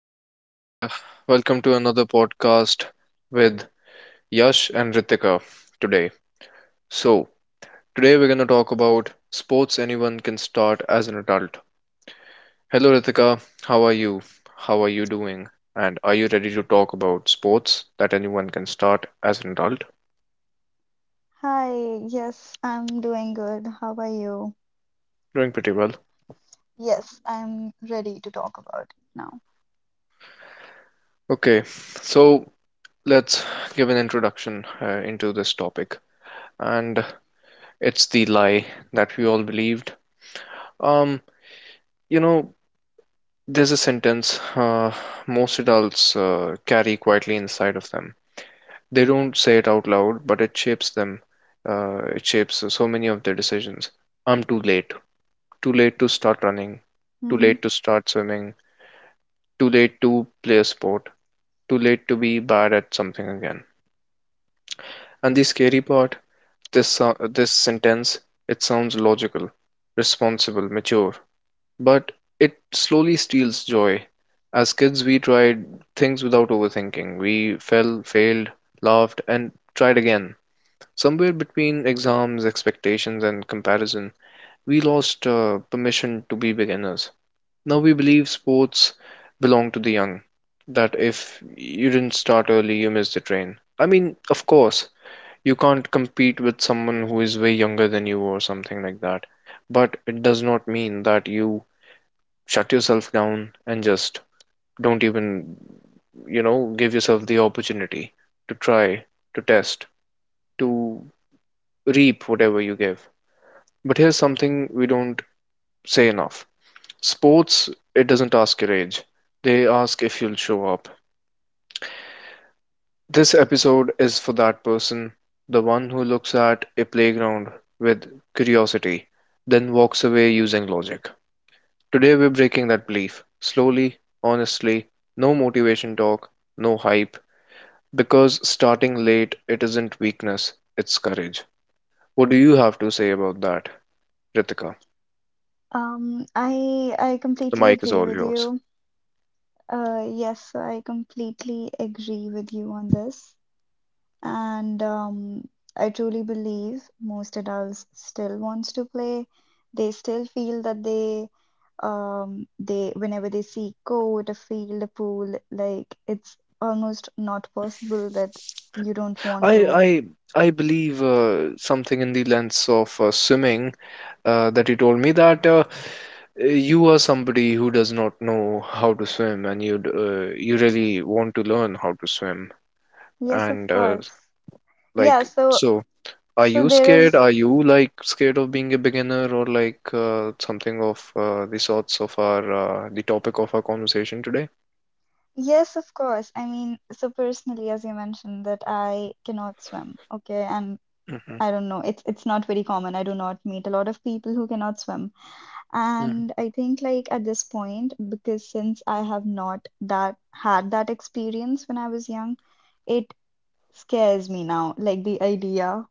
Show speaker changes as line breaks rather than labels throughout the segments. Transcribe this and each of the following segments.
everyone, and welcome to another podcast with Yash and Ritika today. So, today we're going to talk about sports anyone can start as an adult. Hello, Ritika, how are you? How are you doing? And are you ready to talk about sports that anyone can start as an adult?
Hi, yes, I'm doing good. How are you?
Doing pretty well.
Yes, I'm ready to talk about it now.
Okay, so let's give an introduction into this topic. And it's the lie that we all believed. Um, you know, There's a sentence most adults carry quietly inside of them. They don't say it out loud, but it shapes them. It shapes so many of their decisions. I'm too late. Too late to start running. Too
Hmm.
late to start swimming. Too late to play a sport. Too late to be bad at something again. And the scary part, this sentence, it sounds logical, responsible, mature, but it slowly steals joy. As kids, we tried things without overthinking. We fell, failed, laughed, and tried again. Somewhere between exams, expectations, and comparison, we lost permission to be beginners. Now we believe sports belong to the young, that if you didn't start early, you missed the train. I mean, of course, you can't compete with someone who is way younger than you or something like that, but it does not mean that you shut yourself down and just don't even, give yourself the opportunity to try, to test, to reap whatever you give. But here's something we don't say enough. Sports, it doesn't ask your age, they ask if you'll show up. This episode is for that person, the one who looks at a playground with curiosity, then walks away using logic. Today, we're breaking that belief slowly, honestly, no motivation talk, no hype, because starting late, it isn't weakness, it's courage. What do you have to say about that, Ritika?
I
The
completely
mic is
agree
all
with
yours.
you. Yes, I completely agree with you on this. And I truly believe most adults still wants to play. They still feel that they whenever they see court, a field, a pool, like it's almost not possible that you don't want
I
to.
I I believe something in the lens of swimming that you told me that you are somebody who does not know how to swim and you really want to learn how to swim,
Yes, of
and
course. Yeah,
like,
so
so, are
so
you
there
scared?
is
Are you like scared of being a beginner or like something of the sorts of our the topic of our conversation today?
yes, of course. I mean, so personally, as you mentioned, that I cannot swim, okay, and
Hmm.
I don't know, it's not very common. I do not meet a lot of people who cannot swim.
Hmm.
And I think like at this point, because since I have not that had that experience when I was young, it scares me now, like the idea.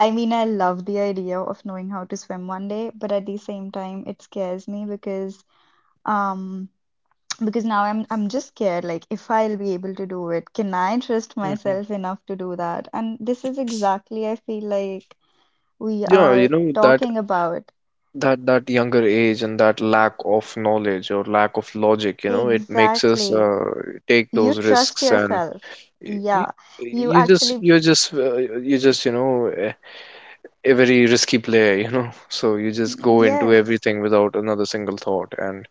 I mean, I love the idea of knowing how to swim one day, but at the same time, it scares me um because now I'm just scared like if I'll be able to do it, can I trust
Hmm.
myself enough to do that? And this is exactly I feel like we
Yeah, you
are
know that
talking about.
that that younger age and that lack of knowledge or lack of logic, it makes us
Exactly.
take
You
those
trust
risks, and
yourself,
you,
yeah. You actually
you just a very risky player, so you just go into
yes.
everything without another single thought, and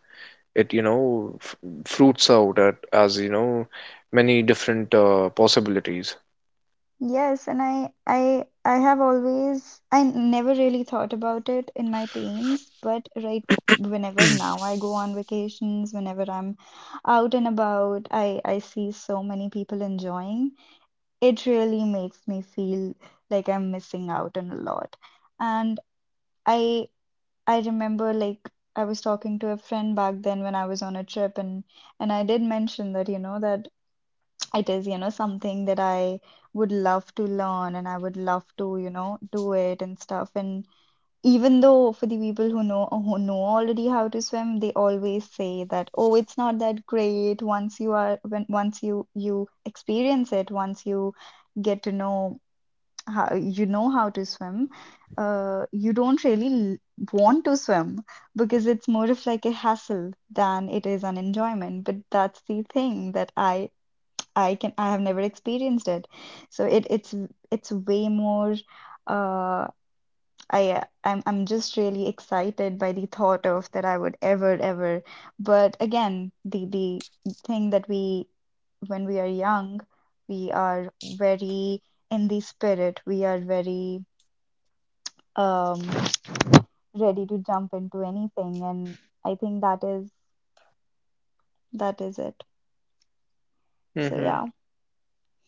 it, fruits out at, as you know, many different possibilities.
Yes, and I have always I never really thought about it in my teens, but right whenever now I go on vacations, whenever I'm out and about, I see so many people enjoying. It really makes me feel like I'm missing out on a lot. And I I remember like I was talking to a friend back then when I was on a trip, and I did mention that, you know, that it is, you know, something that I would love to learn and I would love to, you know, do it and stuff. And even though for the people who know already how to swim, they always say that, oh, it's not that great once you are when once you experience it, once you get to know how you know how to swim, you don't really want to swim because it's more of like a hassle than it is an enjoyment. But that's the thing that I have never experienced it. So it's way more uh I'm just really excited by the thought of that I would ever ever. But again, the thing that we when we are young, we are very in the spirit. We are very um ready to jump into anything. And I think that is it. So
Mm-hmm,
yeah.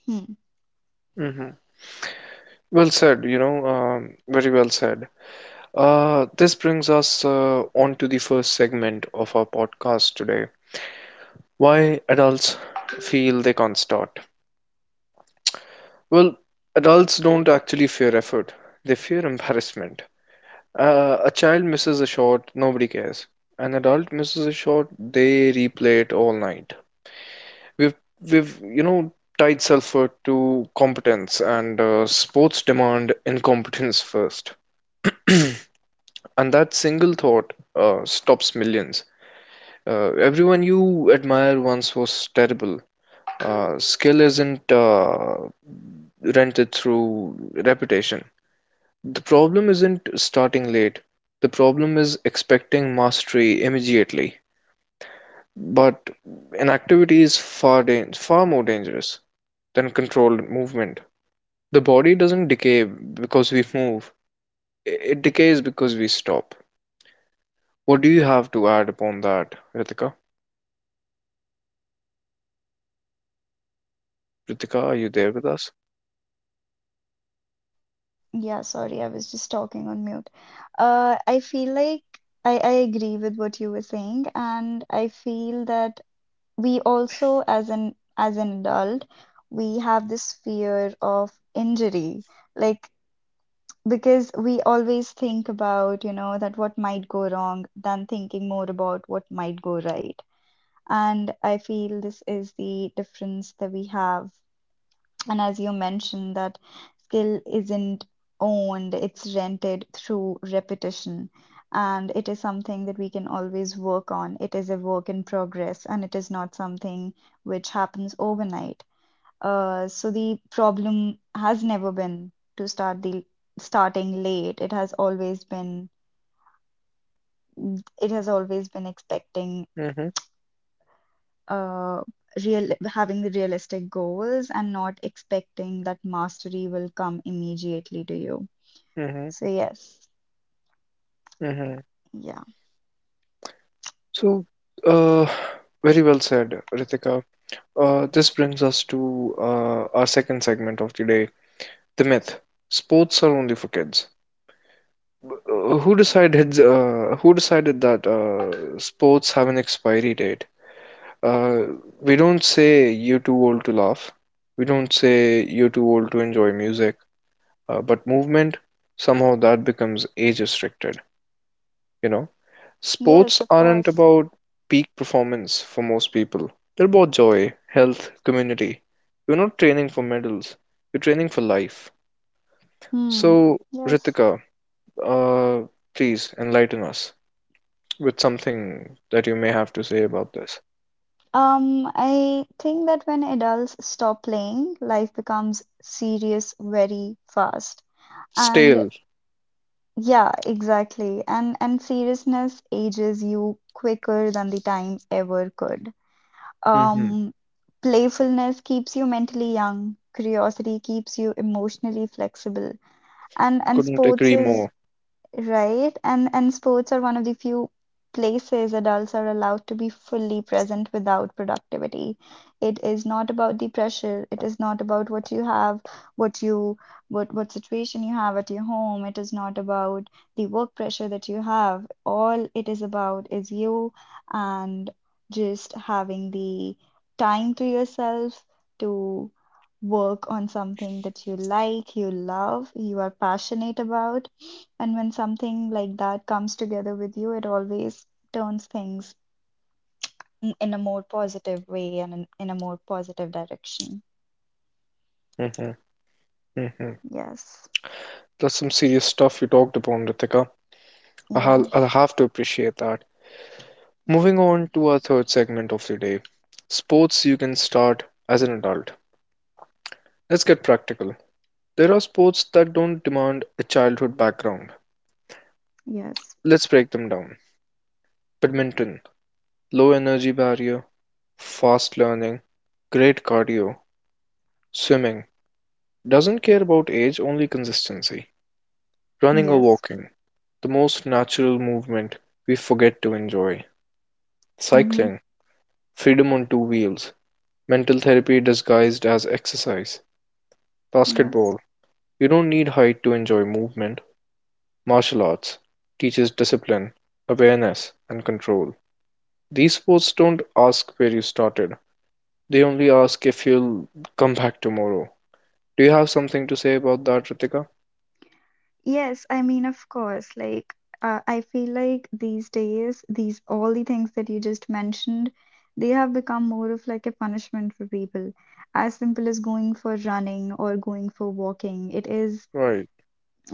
Hmm.
mm-hmm. Well said, very well said. This brings us on to the first segment of our podcast today. Why adults feel they can't start. Well, adults don't actually fear effort, they fear embarrassment. A child misses a shot, nobody cares. An adult misses a shot, they replay it all night. We've we've tied sulfur to competence, and sports demand incompetence first. And that single thought stops millions. Everyone you admire once was terrible. Skill isn't rented through reputation. The problem isn't starting late. The problem is expecting mastery immediately. But inactivity is far more dangerous than controlled movement. The body doesn't decay because we move. It decays because we stop. What do you have to add upon that, Ritika? Ritika, are you there with us?
Yeah, sorry, I was just talking on mute. I feel like I agree with what you were saying, and I feel that we also, as an adult, we have this fear of injury, like because we always think about, you know, that what might go wrong than thinking more about what might go right. And I feel this is the difference that we have. And as you mentioned, that skill isn't owned, it's rented through repetition. And it is something that we can always work on. It is a work in progress and it is not something which happens overnight. So the problem has never been to start the starting late. It has always been expecting
Mm-hmm.
uh real having the realistic goals and not expecting that mastery will come immediately to you.
Mm-hmm.
So yes,
Mm-hmm.
yeah,
So, uh, very well said, Ritika. This brings us to our second segment of today, the myth. Sports are only for kids. Who decided? Who decided that sports have an expiry date? Uh, we don't say you're too old to laugh. We don't say you're too old to enjoy music. But movement, somehow that becomes age restricted, you know?
yes,
Sports
of
aren't
course.
about peak performance for most people. They're about joy, health, community. You're not training for medals. You're training for life.
Hmm.
So,
Yes.
Ritika, uh, please enlighten us with something that you may have to say about this.
I think that when adults stop playing, life becomes serious very fast. And
Stale.
yeah, exactly. And seriousness ages you quicker than the time ever could.
Hmm.
Um, Playfulness keeps you mentally young. Curiosity keeps you emotionally flexible. And
Couldn't
sports
agree
is
more.
right? And sports are one of the few places adults are allowed to be fully present without productivity. It is not about the pressure. It is not about what you have, what you what situation you have at your home. It is not about the work pressure that you have. All it is about is you and just having the time to yourself to work on something that you like, you love, you are passionate about, and when something like that comes together with you, it always turns things in a more positive way and in a more positive direction.
Hmm. Hmm.
Yes.
That's some serious stuff you talked upon, Ritika.
Yeah.
I'll have to appreciate that. Moving on to our third segment of the day, sports you can start as an adult. Let's get practical. There are sports that don't demand a childhood background.
Yes.
Let's break them down. Badminton, low energy barrier, fast learning, great cardio. Swimming, doesn't care about age, only consistency. Running or
Yes.
walking, the most natural movement we forget to enjoy.
Mm-hmm.
Cycling, freedom on two wheels. Mental therapy disguised as exercise.
Yes.
Basketball. You don't need height to enjoy movement. Martial arts teaches discipline, awareness, and control. These sports don't ask where you started, they only ask if you'll come back tomorrow. Do you have something to say about that, Ritika?
Yes. I mean, of course, like, I feel like these days, these all the things that you just mentioned, they have become more of like a punishment for people. As simple as going for running or going for walking, it is
Right.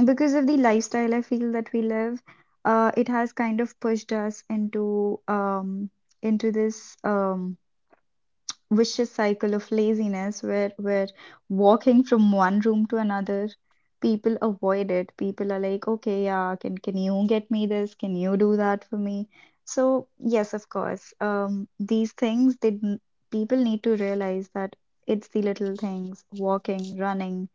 because of the lifestyle I feel that we live, it has kind of pushed us into this vicious cycle of laziness where we're walking from one room to another. People avoid it. People are like, okay, yeah, can you get me this? Can you do that for me? So yes, of course, these things people need to realize that it's the little things, walking, running,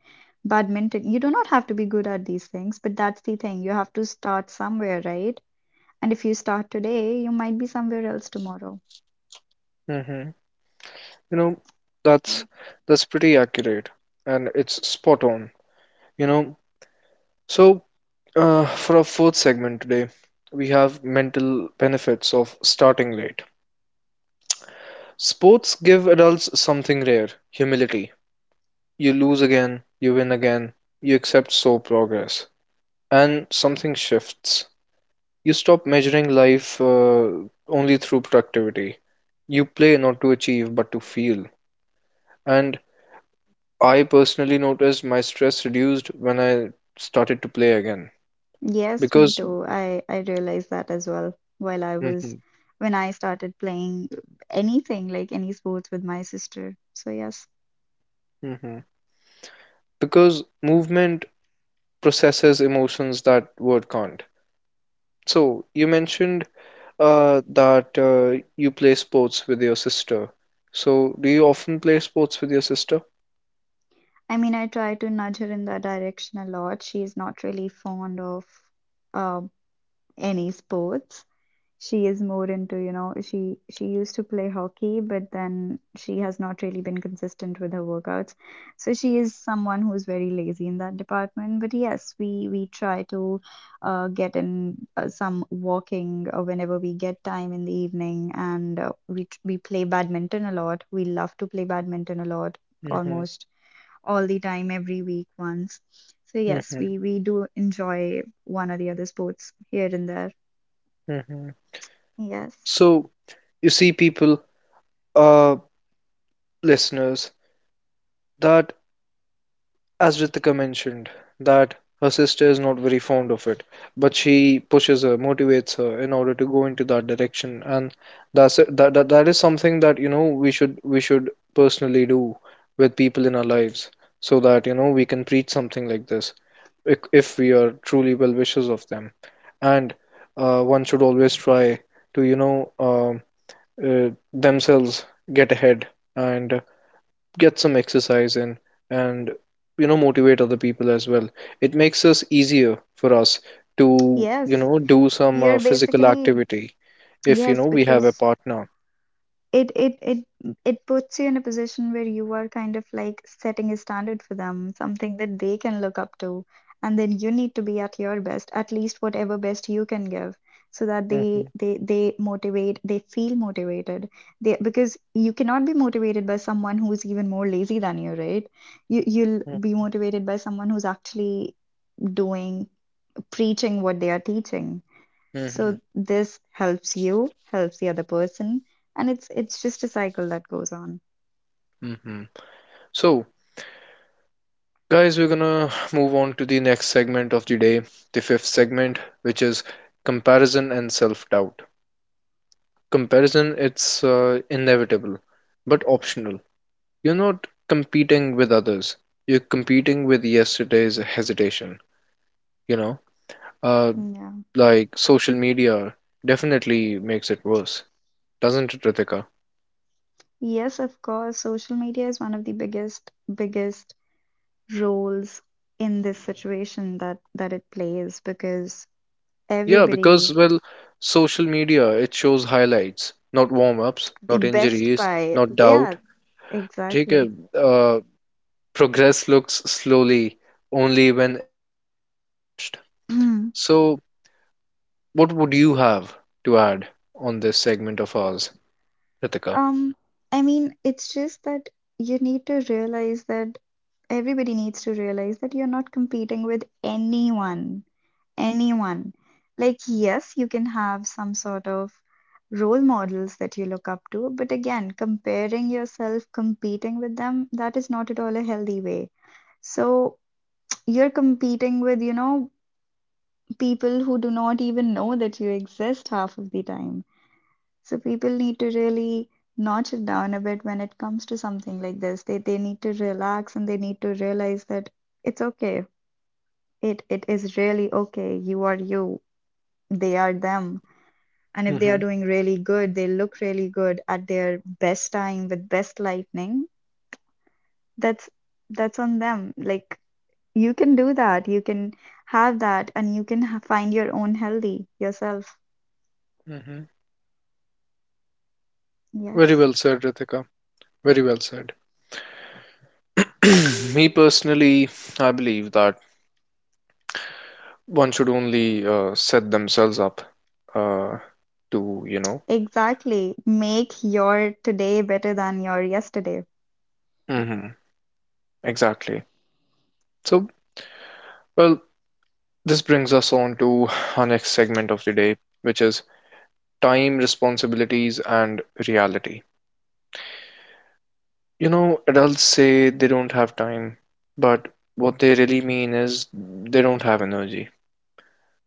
badminton. You do not have to be good at these things, but that's the thing. You have to start somewhere, right? And if you start today, you might be somewhere else tomorrow.
Mm-hmm. You know,
Yeah.
that's that's pretty accurate, and it's spot on. You know, so, for our fourth segment today, we have mental benefits of starting late. Sports give adults something rare, humility. You lose again, you win again, you accept slow progress, and something shifts. You stop measuring life only through productivity. You play not to achieve but to feel. And I personally noticed my stress reduced when I started to play again,
Yes, me
because
too. I realized that as well while I was
Mhm,
when I started playing anything like any sports with my sister. So yes.
mhm, because movement processes emotions that word can't. So you mentioned that you play sports with your sister. So do you often play sports with your sister?
I mean, I try to nudge her in that direction a lot. She's not really fond of um any sports. She is more into, you know, she used to play hockey, but then she has not really been consistent with her workouts. So she is someone who's very lazy in that department. But yes, we try to get in some walking whenever we get time in the evening, and we play badminton a lot. We love to play badminton a lot,
Hmm.
almost all the time, every week once. So yes,
Hmm.
we do enjoy one or the other sports here and there.
Hmm.
Yes.
So you see, people, uh, listeners, that as Ritika mentioned, that her sister is not very fond of it, but she pushes her, motivates her in order to go into that direction, and that is something that we should personally do with people in our lives, so that we can preach something like this, if we are truly well wishers of them, and one should always try to themselves get ahead and get some exercise in, and motivate other people as well. It makes us easier for us to
Yes.
do some
You're
physical
basically,
activity if
yes,
we have a
because
partner.
it it it it puts you in a position where you are kind of like setting a standard for them, something that they can look up to, and then you need to be at your best, at least whatever best you can give, so that they
Hmm.
they they motivate, they feel motivated. They because you cannot be motivated by someone who's even more lazy than you, right? You you'll be motivated by someone who's actually doing, preaching what they are teaching.
Hmm.
So this helps you, helps the other person, and it's just a cycle that goes on.
Hmm. So, guys, we're gonna move on to the next segment of the day, the fifth segment, which is comparison and self-doubt. Comparison, it's inevitable but optional. You're not competing with others. You're competing with yesterday's hesitation, you know? Uh,
Yeah.
like social media definitely makes it worse, doesn't it, Ritika?
Yes, of course, social media is one of the biggest roles in this situation that that it plays because
Yeah, because,
everybody
well, social media, it shows highlights, not warm-ups,
the
not
best
injuries,
buy,
not
yeah,
doubt. Take
exactly.
a, uh, Progress looks slowly only when expectations are rushed. So, what would you have to add on this segment of ours, Ritika?
Um, I mean, it's just that you need to realize that everybody needs to realize that you're not competing with anyone, anyone. Like, yes, you can have some sort of role models that you look up to, but again, comparing yourself, competing with them, that is not at all a healthy way. So you're competing with, you know, people who do not even know that you exist half of the time. So people need to really notch it down a bit when it comes to something like this. They need to relax and they need to realize that it's okay. It is really okay. You are you. They are them. And if they are
Hmm.
doing really good, they look really good at their best time with best lightning, that's that's on them. Like you can do that. You can have that and you can ha find your own healthy yourself.
Hmm. Very
Yes.
well said, Ritika. Very well said. Me personally, I believe that one should only set themselves up uh, to.
Exactly. Make your today better than your yesterday.
Hmm. Exactly. So, well, this brings us on to our next segment of the day, which is time, responsibilities, and reality. You know, adults say they don't have time, but what they really mean is they don't have energy.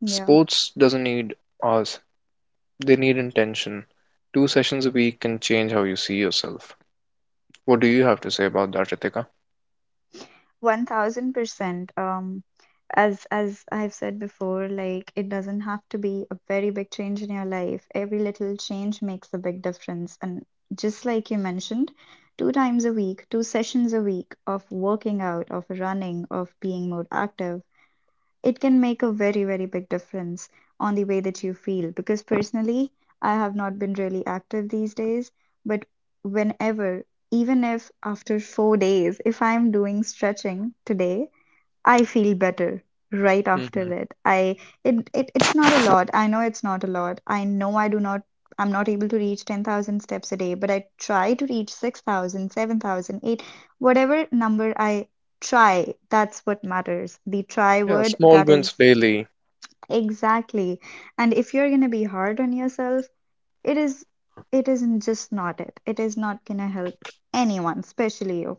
Yeah,
Sports doesn't need our, they need intention. Two sessions a week can change how you see yourself. What do you have to say about that, Ritika?
1000%. As I've said before, like it doesn't have to be a very big change in your life. Every little change makes a big difference. And just like you mentioned, 2 times a week, 2 sessions a week of working out, of running, of being more active, it can make a very, very big difference on the way that you feel. Because personally, I have not been really active these days, but whenever, even if after 4 days, if I'm doing stretching today, I feel better right
Hmm.
after it. It's not a lot. I know it's not a lot. I know I'm not able to reach 10,000 steps a day, but I try to reach 6,000, 7,000, 8, whatever number I try, that's what matters. The try
Yeah,
word
small
that
wins
is
daily.
exactly. And if you're going to be hard on yourself, it is it isn't just not it. It is not going to help anyone, especially you.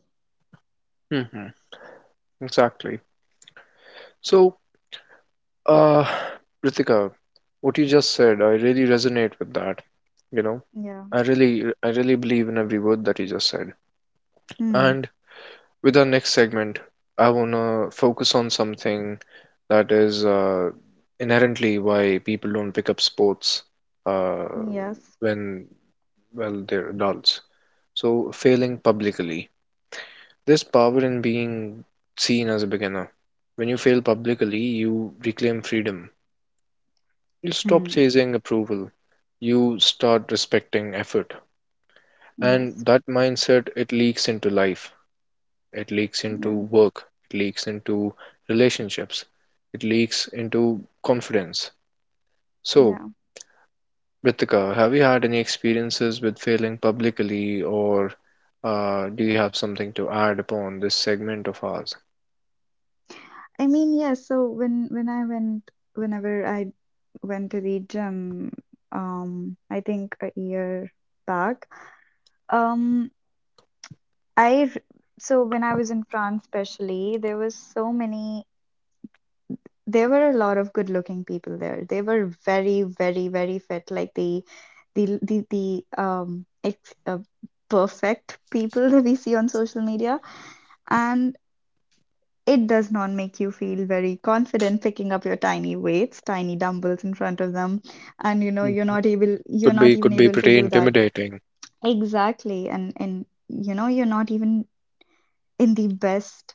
Hmm. Exactly. So, uh, Ritika, what you just said, I really resonate with that. You know,
Yeah.
I really believe in every word that you just said.
Hmm.
And with our next segment, I wanna focus on something that is inherently why people don't pick up sports uh,
Yes.
when, well, they're adults. So, failing publicly. There's power in being seen as a beginner. When you fail publicly, you reclaim freedom. You stop
Hmm.
chasing approval. You start respecting effort. And
Yes.
that mindset, it leaks into life. It leaks into
Yeah.
work. It leaks into relationships. It leaks into confidence. So,
Yeah.
Ritika, have you had any experiences with failing publicly, or do you have something to add upon this segment of ours?
I mean, yeah, so whenever I went to the gym, I think a year back, um, I r- so when I was in France especially, there was so many there were a lot of good-looking people there. They were very, very, very fit, like the perfect people that we see on social media. And It does not make you feel very confident picking up your tiny weights, tiny dumbbells in front of them, and
Mhm.
you're not even
Could be
able to
pretty
do that.
intimidating.
Exactly. And you know you're not even in the best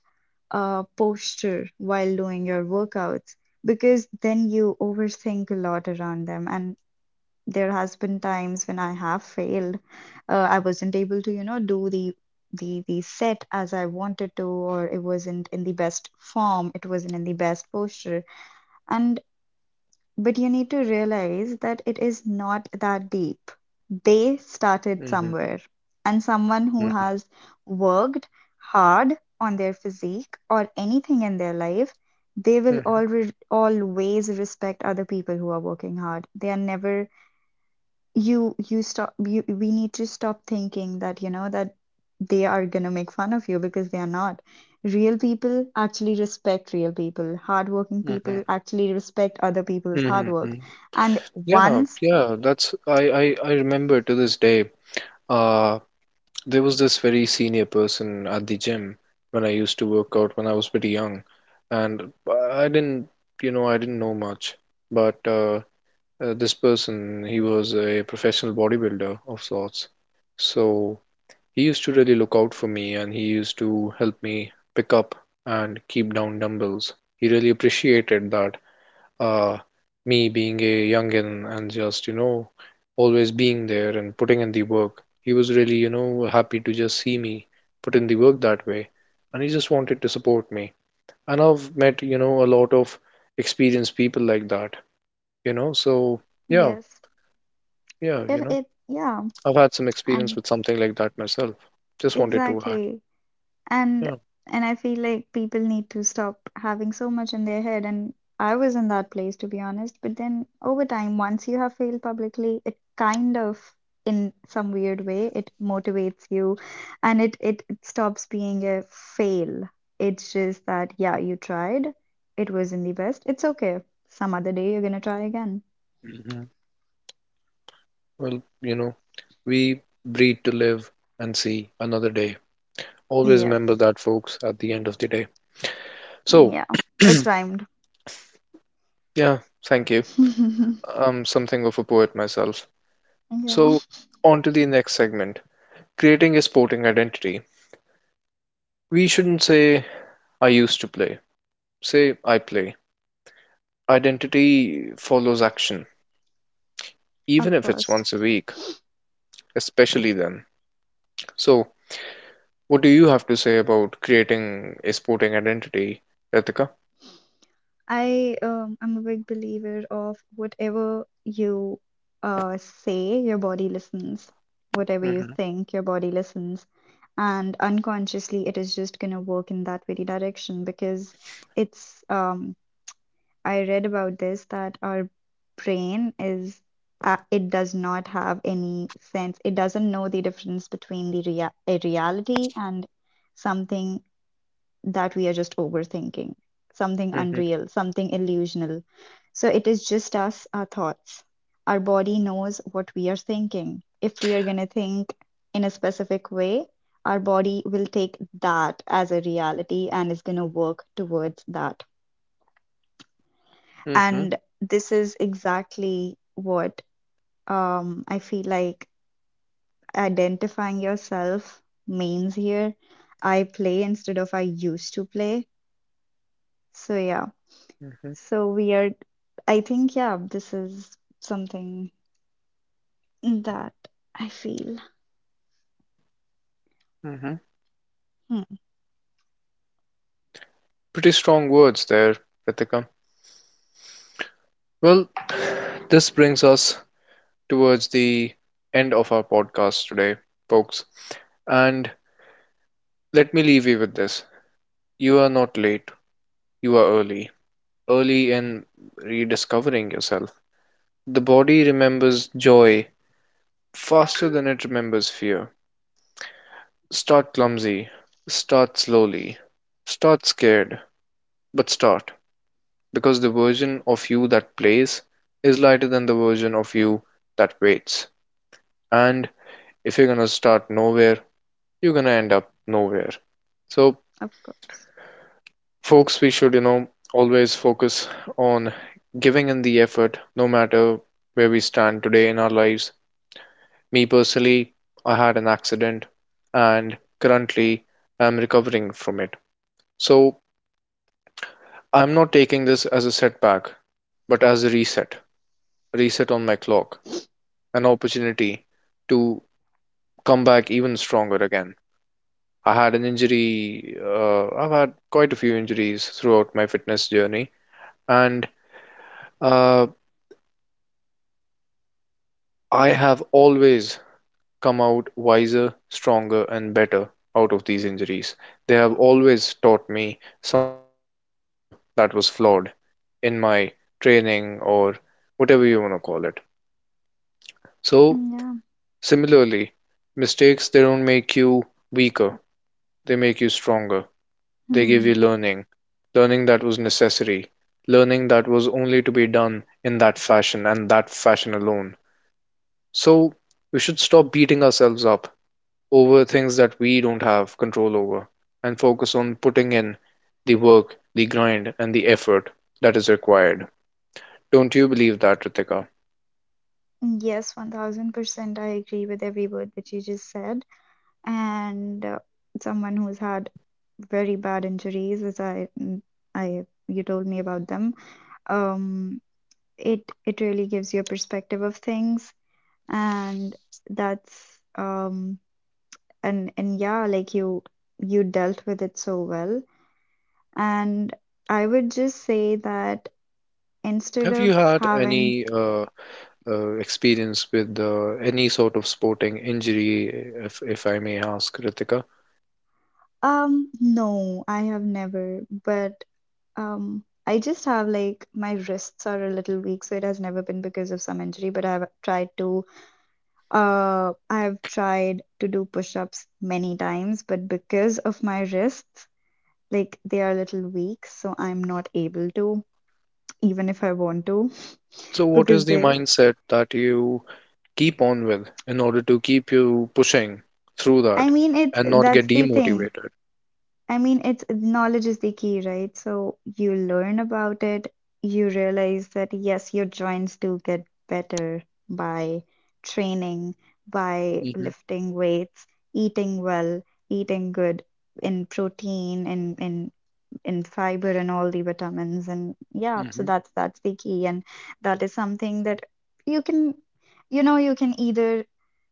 posture while doing your workouts, because then you overthink a lot around them, and there has been times when I have failed. I wasn't able to, you know, do the set as I wanted to, or it wasn't in the best form, it wasn't in the best posture. And but you need to realize that it is not that deep. They started
Hmm.
somewhere, and someone who
Hmm.
has worked hard on their physique or anything in their life, they will
Hmm.
always always respect other people who are working hard. They are never you you stop you we need to stop thinking that, you know, that they are going to make fun of you, because they are not. Real people actually respect real people. Hardworking people actually respect other people's hard
Hmm. Hmm.
work. And
Yeah,
once
yeah, that's I remember to this day. Uh, there was this very senior person at the gym when I used to work out when I was pretty young, and I didn't, you know, I didn't know much, but this person, he was a professional bodybuilder of sorts, so he used to really look out for me, and he used to help me pick up and keep down dumbbells. He really appreciated that, uh me being a youngin and just, you know, always being there and putting in the work. He was really, you know, happy to just see me put in the work that way, and he just wanted to support me. And I've met, you know, a lot of experienced people like that, you know, so yeah.
yes
Yeah, you
it
know,
it yeah
I've had some experience
and
with something like that myself. Just wanted to add.
exactly. and
Yeah.
and I feel like people need to stop having so much in their head. And I was in that place, to be honest, but then over time, once you have failed publicly, it kind of, in some weird way, it motivates you. And it stops being a fail. It's just that, yeah, you tried. It wasn't the best, it's okay. Some other day you're gonna try again.
Mhm. Well, we breed to live and see another day. Always
Yes.
remember that, folks, at the end of the day. So,
Yeah, it rhymed.
yeah, thank you. I'm something of a poet myself.
Yeah,
So, on to the next segment, creating a sporting identity. We shouldn't say, I used to play, say, I play. Identity follows action, even
of
if it's
course.
once a week, especially then. So, what do you have to say about creating a sporting identity, Ritika?
I I'm a big believer of whatever you say, your body listens. Whatever you
Hmm.
think, your body listens. And unconsciously, it is just gonna work in that very direction, because it's I read about this, that our brain is it does not have any sense. It doesn't know the difference between the rea a reality and something that we are just overthinking, something
Hmm.
unreal, something illusional. So it is just us, our thoughts. Our body knows what we are thinking. If we are going to think in a specific way, our body will take that as a reality and is going to work towards that.
Hmm.
And this is exactly what, I feel like, identifying yourself means here. I play, instead of I used to play. So, yeah.
Hmm.
So weird. I think, yeah, this is something that I feel.
Hmm.
Hmm,
Pretty strong words there, Ritika. Well, this brings us towards the end of our podcast today, folks. And let me leave you with this. You are not late, you are early. Early in rediscovering yourself. The body remembers joy faster than it remembers fear. Start clumsy, start slowly, start scared, but start, because the version of you that plays is lighter than the version of you that waits. And if you're gonna start nowhere, you're gonna end up nowhere. So,
of course.
folks, we should, you know, always focus on giving in the effort no matter where we stand today in our lives. Me personally, I had an accident and currently I'm recovering from it. So, I'm not taking this as a setback, but as a reset on my clock, an opportunity to come back even stronger again. I had an injury, I've had quite a few injuries throughout my fitness journey, and uh, I have always come out wiser, stronger, and better out of these injuries. They have always taught me something fatal that was flawed in my training or whatever you want to call it. So,
Yeah.
similarly, mistakes, they don't make you weaker, they make you stronger. They give
Hmm.
you learning, learning that was necessary, learning that was only to be done in that fashion and that fashion alone. So we should stop beating ourselves up over things that we don't have control over and focus on putting in the work, the grind, and the effort that is required. Don't you believe that, Ritika?
Yes, 1000% I agree with every word that you just said. And someone who's had very bad injuries, as I, I, you told me about them. Um, it it really gives you a perspective of things, and that's and yeah, like you dealt with it so well. And I would just say that, instead
Have you
of
had
having,
any experience with any sort of sporting injury, if I may ask, Ritika?
no, I have never, but I just have, like, my wrists are a little weak, so it has never been because of some injury, but I've tried to do push-ups many times, but because of my wrists, like they are a little weak, so I'm not able to, even if I want to,
So, what is
because
the
they,
mindset that you keep on with in order to keep you pushing through
I
that
mean, it's
and not get
that's the thing.
demotivated?
I mean, it's knowledge is the key, right? So you learn about it, you realize that yes, your joints do get better by training, by
Hmm.
lifting weights, eating well, eating good in protein, in in fiber and all the vitamins and yeah, so
Hmm.
that's the key. And that is something that you can, you know, you can either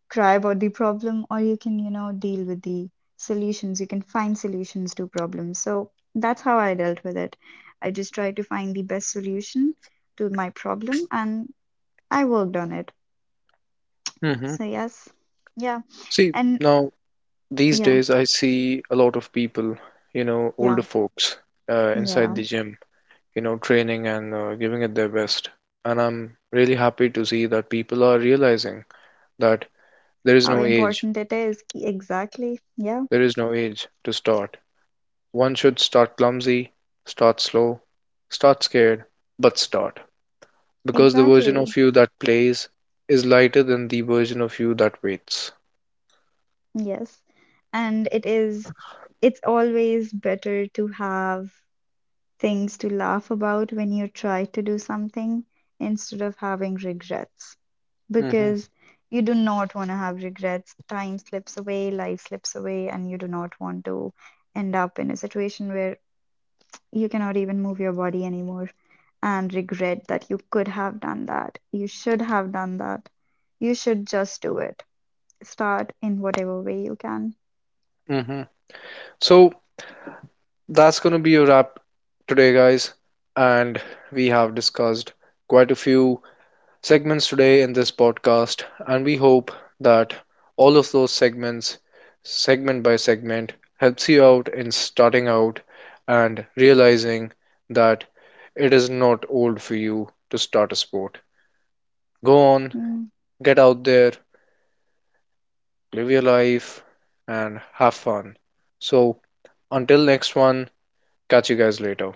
cry about the problem, or you can, you know, deal with the solutions. You can find solutions to problems. So that's how I dealt with it. I just tried to find the best solution to my problem, and I worked on it.
Hmm.
So yes. Yeah.
See,
And
now these
yeah.
days I see a lot of people, you know,
Yeah.
older folks, inside
Yeah.
the gym, you know, training and giving it their best. And I'm really happy to see that people are realizing that there is
How
no age.
important it is. Exactly, yeah.
There is no age to start. One should start clumsy, start slow, start scared, but start. Because the version
Exactly.
of you that plays is lighter than the version of you that waits.
Yes. And it is, it's always better to have things to laugh about when you try to do something, instead of having regrets,
Mm-hmm.
because you do not want to have regrets. Time slips away, life slips away, and you do not want to end up in a situation where you cannot even move your body anymore and regret that you could have done that. You should have done that. You should just do it. Start in whatever way you can.
Mm-hmm. So that's going to be a wrap today, guys. And we have discussed quite a few segments today in this podcast, and we hope that all of those segments, segment by segment, helps you out in starting out and realizing that it is not old for you to start a sport. Go on,
Mm.
get out there, live your life, and have fun. So, until next one, catch you guys later.